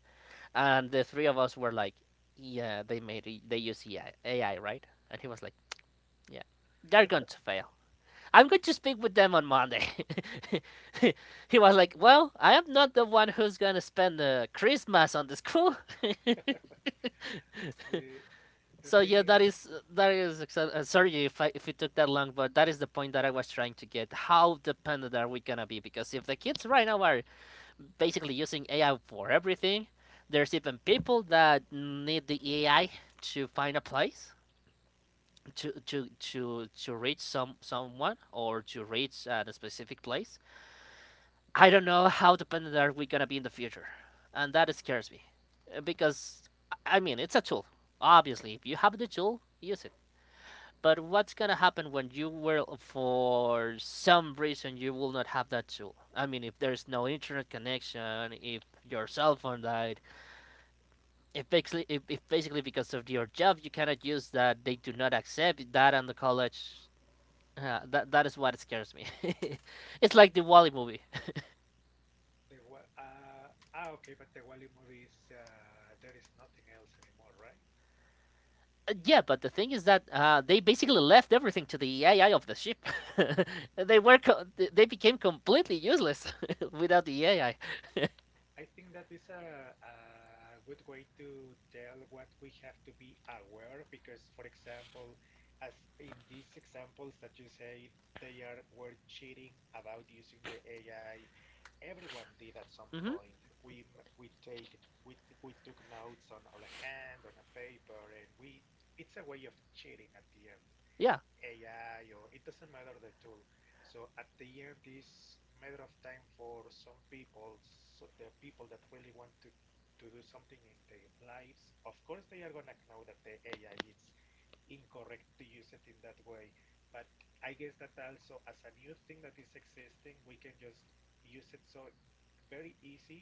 S2: and the three of us were like, "Yeah, they made it- they use AI, AI, right?" And he was like, "Yeah, they're going to fail. I'm going to speak with them on Monday." [laughs] He was like, "Well, I am not the one who's going to spend the Christmas on the school." [laughs]
S1: The the
S2: So,
S1: thing
S2: yeah,
S1: is
S2: that is, sorry if, I, if it took that long, but that is the point that I was trying to get. How dependent are we going to be? Because if the kids right now are basically using AI for everything, there's even people that need the AI to find a place, to reach someone, or to reach a specific place. I don't know how dependent are we gonna be in the future, and that scares me. Because, I mean, it's a tool. Obviously, if you have the tool, use it. But what's gonna happen when you will, for some reason, you will not have that tool? I mean, if there's no internet connection, if your cell phone died, if basically, if basically, because of your job, you cannot use that, they do not accept that on the college. That is what scares me. [laughs] It's like the Wall-E movie.
S1: the okay, but the Wally movie is, there is nothing else anymore, right?
S2: Yeah, but the thing is that, they basically left everything to the AI of the ship. [laughs] they were co-
S1: Mm,
S2: they became completely useless [laughs] without the AI.
S1: I think that is a good way to tell what we have to be aware, because, for example, as in these examples that you say they are were cheating about using the AI, everyone did at some
S2: Hmm.
S1: point. We take we took notes on our hand on a paper, and we it's a way of cheating at the end.
S2: Yeah,
S1: AI or it doesn't matter the tool. So at the end, it's a matter of time for some people, so the people that really want to do something in their lives. Of course, they are gonna know that the AI is incorrect to use it in that way. But I guess that also as a new thing that is existing, we can just use it so very easy.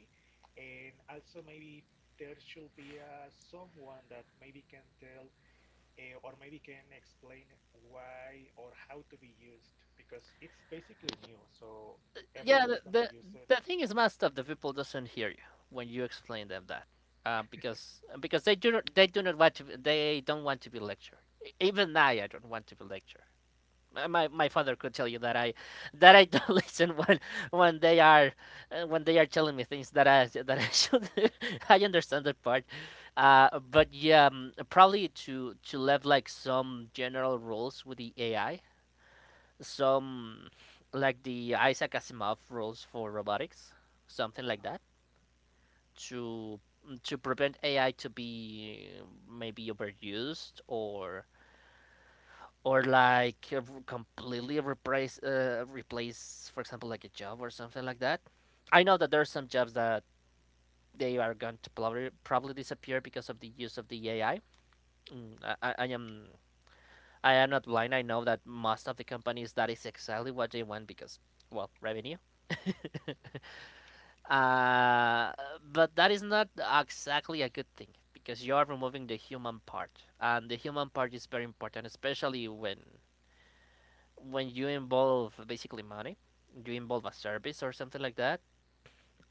S1: And also maybe there should be someone that maybe can tell or maybe can explain why or how to be used, because it's basically new, so everyone
S2: yeah.
S1: is gonna use it.
S2: The thing is, most of the people doesn't hear you when you explain them that, because they do not want to... they don't want to be lectured. Even I don't want to be lectured. My father could tell you that I don't [laughs] listen when they are, when they are telling me things that I should... [laughs] I understand that part. But yeah, probably to leave like some general rules with the AI, some like the Isaac Asimov rules for robotics, something
S1: Uh-huh.
S2: like that, to prevent AI to be maybe overused, or like, completely replace, replace, for example, like a job or something like that. I know that there are some jobs that they are going to probably disappear because of the use of the AI. Mm, I am... I am not blind. I know that most of the companies, that is exactly what they want, because, well, revenue. [laughs]
S1: Mhm.
S2: Uh, but that is not exactly a good thing, because you are removing the human part, and the human part is very important, especially when you involve basically money, you involve a service or something like that.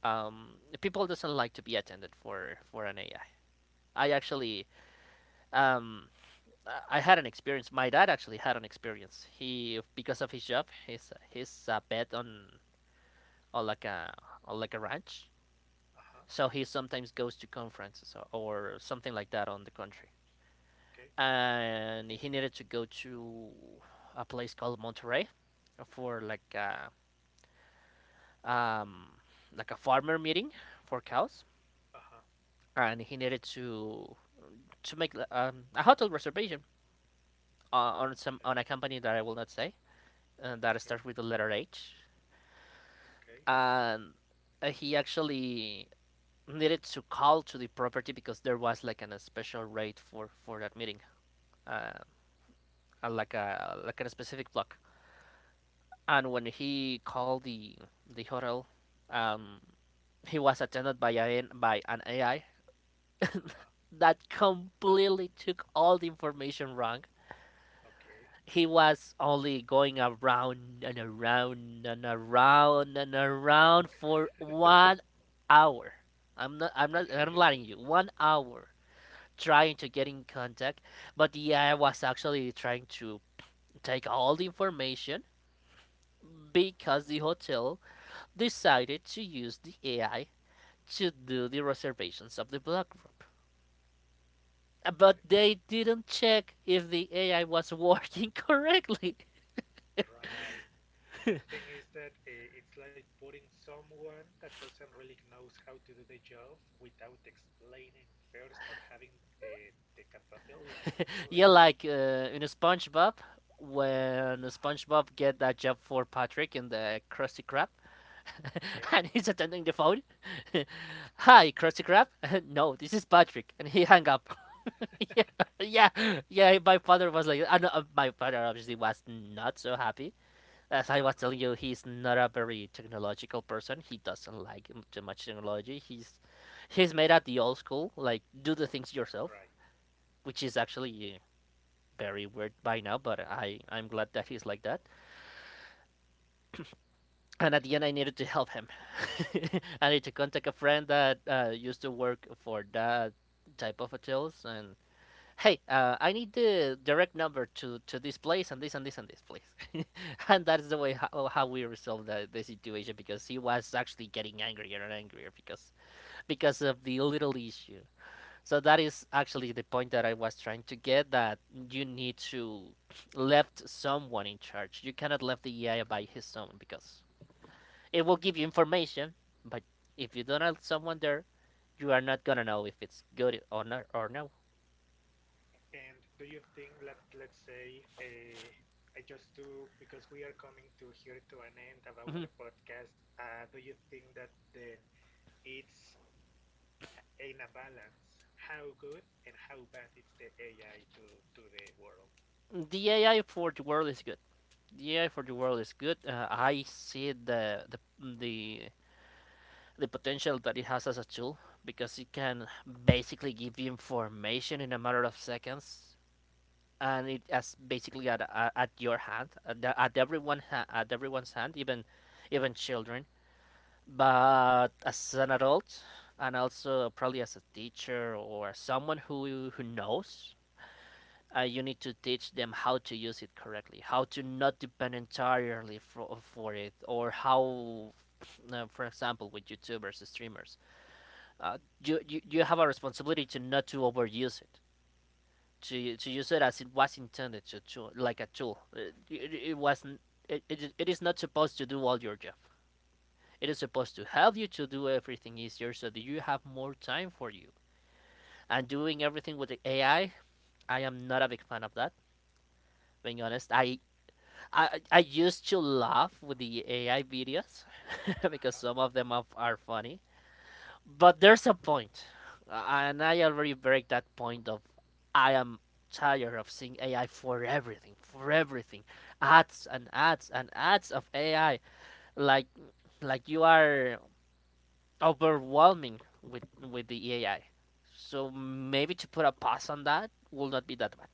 S2: People doesn't like to be attended for an AI. I actually, um, I had an experience. My dad actually had an experience. He, because of his job, he's a pet on on like a on like a ranch.
S1: Uh-huh.
S2: So he sometimes goes to conferences, or something like that, on the country.
S1: Okay.
S2: And he needed to go to a place called Monterey for um, like a farmer meeting for cows,
S1: Uh-huh.
S2: and he needed to make a hotel reservation on some
S1: Okay.
S2: on a company that I will not say and that
S1: Okay.
S2: starts with the letter H,
S1: Okay.
S2: and he actually needed to call to the property because there was like an, a special rate for that meeting, uh, like a specific block. And when he called the hotel, um, he was attended by a, by an AI
S1: Uh-huh.
S2: that completely took all the information wrong.
S1: Okay.
S2: He was only going around and around and around and around
S1: Mm,
S2: for 1 hour. I'm not I'm
S1: okay. [laughs]
S2: lying you. 1 hour trying to get in contact, but the AI was actually trying to take all the information because the hotel decided to use the AI to do the reservations of the block room.
S1: I
S2: But they didn't check if the AI was working correctly.
S1: right. The thing is that it's like putting someone that doesn't really knows how to do the job without explaining first or having uh, the capability to do
S2: [laughs]
S1: it.
S2: Yeah, like in SpongeBob, when
S1: Uh-huh.
S2: SpongeBob get that job for Patrick in the Krusty Krab,
S1: Okay.
S2: [laughs] and he's attending the phone. [laughs] Hi, Krusty Krab. [laughs] No, this is Patrick, and he hung up. [laughs] Yeah, yeah, yeah. My father was like, I know, my father obviously was not so happy. As I was
S1: Uh-huh.
S2: telling you, he's not a very technological person. He doesn't like too much technology. He's made at the old school, like do the things yourself,
S1: Right.
S2: which is actually very weird by now. But I'm glad that he's like that. And at the end, I needed to help him. [laughs] I need to contact a friend that used to work for that type of hotels, and hey, I need the direct number to this place and this and this and this place. [laughs] And that's the way how we resolved the situation because he was actually getting angrier and angrier because of the little issue. So that is actually the point that I was trying to get that you need to [sniffs] left someone in charge. You cannot left the AI by his own because it will give you information, but if you don't have someone there, you are not gonna know if it's good or not or no.
S1: And do you think, let's say, I just do, because we are coming to here to an end about
S2: [laughs]
S1: the
S2: Mhm.
S1: podcast, do you think that then it's in a balance, how good and how bad it's the AI to the world?
S2: The AI for the world is good. The AI for the world is good. I see the the the potential that it has as a tool because it can basically give you information in a matter of seconds, and it as basically at your hand, at everyone at everyone's hand, even even children. But as an adult, and also probably as a teacher or someone who knows, you need to teach them how to use it correctly, how to not depend entirely for it, or how, for example, with YouTubers, streamers, uh, you have a responsibility to not to overuse it, to use it as it was intended to like a tool. It was it is not supposed to do all your job. It is supposed to help you to do everything easier so that you have more time for you. And doing everything with the AI, I am not a big fan of that, being honest. I used to laugh with the AI videos [laughs]
S1: Uh-huh,
S2: because some of them are funny, but there's a point, and I already break that point of I am tired of seeing AI for everything, ads and ads and ads of AI, like like you
S1: right.
S2: are overwhelming with the AI. So maybe to put a pause on that will not be that bad.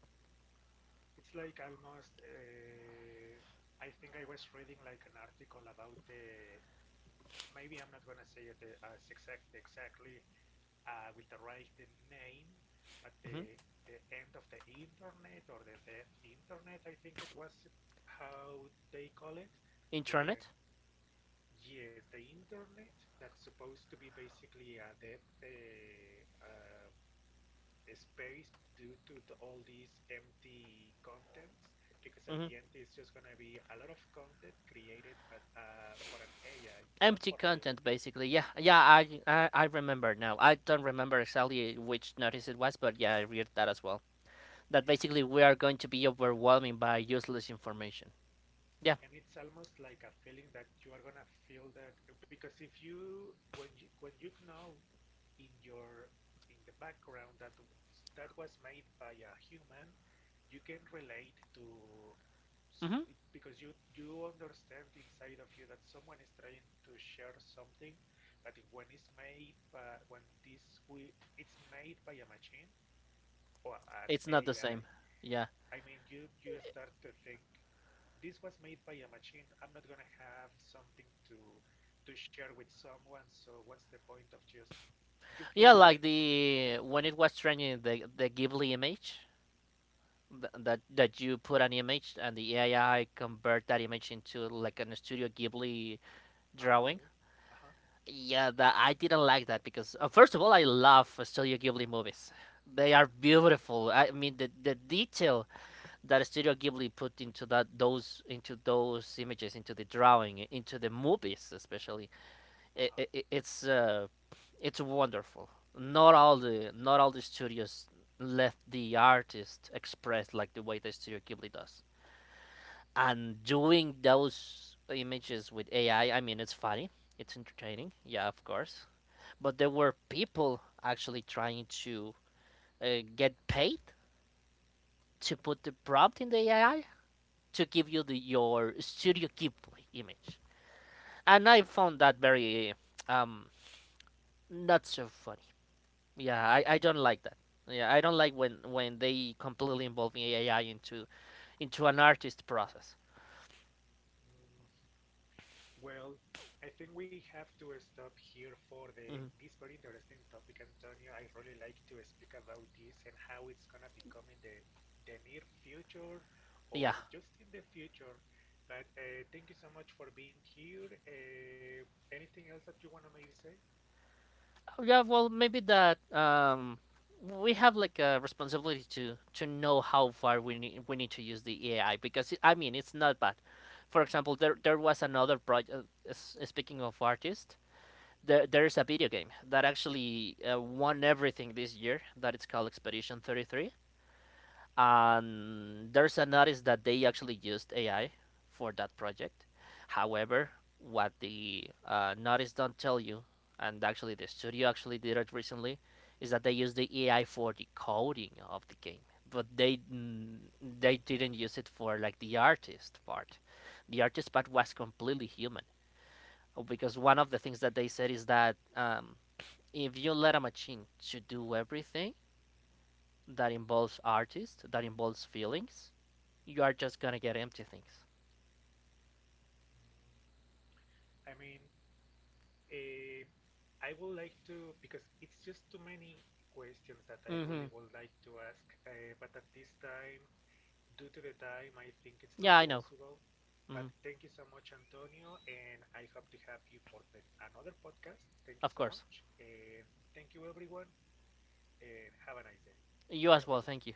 S1: It's like almost, I think I was reading like an article about the, maybe I'm not gonna say it as exact, exactly with the right name, but
S2: Hmm.
S1: the end of the internet or the death internet, I think it was how they call it, when
S2: Internet.
S1: yes, the internet that's supposed to be basically a death a space due to the, all these empty contents, because at
S2: Mm-hmm.
S1: the end it's just gonna be a lot of content created, but for an AI, not for
S2: Empty
S1: real
S2: content
S1: people.
S2: basically. Yeah, yeah, I remember now. I don't remember exactly which notice it was, but yeah, I read that as well that basically we are going to be overwhelming by useless information. Yeah.
S1: And it's almost like a feeling that you are gonna feel that, because if you when you when you know in your in the background that that was made by a human, you can relate to,
S2: Mm-hmm.
S1: because you understand inside of you that someone is trying to share something. But when it's made by when this we it's made by a machine or an
S2: It's not
S1: AI,
S2: the
S1: I
S2: same. Yeah,
S1: I mean you you start to think this was made by a machine. I'm not gonna have something to share with someone. So what's the point of just you feel
S2: yeah,
S1: the
S2: like
S1: emptiness?
S2: the when it was trending the ghibli image, that you put an image and the ai convert that image into like an studio ghibli
S1: Ah, okay.
S2: drawing.
S1: Uh huh.
S2: Yeah, that I didn't like that because first of all, I love Studio Ghibli movies.
S1: Uh huh.
S2: They are beautiful. I mean, the detail that Studio Ghibli put into that those into those images, into the drawing, into the movies, especially,
S1: Uh huh.
S2: i i i- it's uh, it's wonderful. Not all the studios let the artist express like the way that Studio Ghibli does. And doing those images with AI, I mean, it's funny, it's entertaining. Yeah, of course, but there were people actually trying to get paid to put the prompt in the AI to give you your Studio Ghibli image, and I found that very um not so funny. Yeah, I don't like that. Yeah, I don't like when they completely involve AI into an artist process.
S1: Mm, well, I think we have to stop here for the
S2: Mhm.
S1: this very interesting topic, Antonio. I really like to speak about this and how it's gonna become in the near future or
S2: Yeah.
S1: just in the future. But thank you so much for being here. Anything else that you wanna maybe say?
S2: Yeah, well, maybe that we have like a responsibility to know how far we need to use the AI because it, I mean, it's not bad. For example, there was another project. Speaking of artists, there is a video game that actually won everything this year. That it's called Expedition 33. And there's a notice that they actually used AI for that project. However, what the notice don't tell you, and actually the studio actually did it recently, is that they used the AI for the coding of the game, but they, they didn't use it for like the artist part. The artist part was completely human because one of the things that they said is that if you let a machine to do everything that involves artists, that involves feelings, you are just gonna get empty things.
S1: I mean, eh, I would like to, because it's just too many questions that I really
S2: Mm-hmm.
S1: would like to ask, but at this time, due to the time, I think it's not
S2: Yeah, I know.
S1: possible. But
S2: Mm,
S1: thank you so much, Antonio, and I hope to have you for the, another podcast. Thank you so
S2: of course.
S1: much, and thank you, everyone, and have a nice day,
S2: You as well, thank
S1: everyone.
S2: you.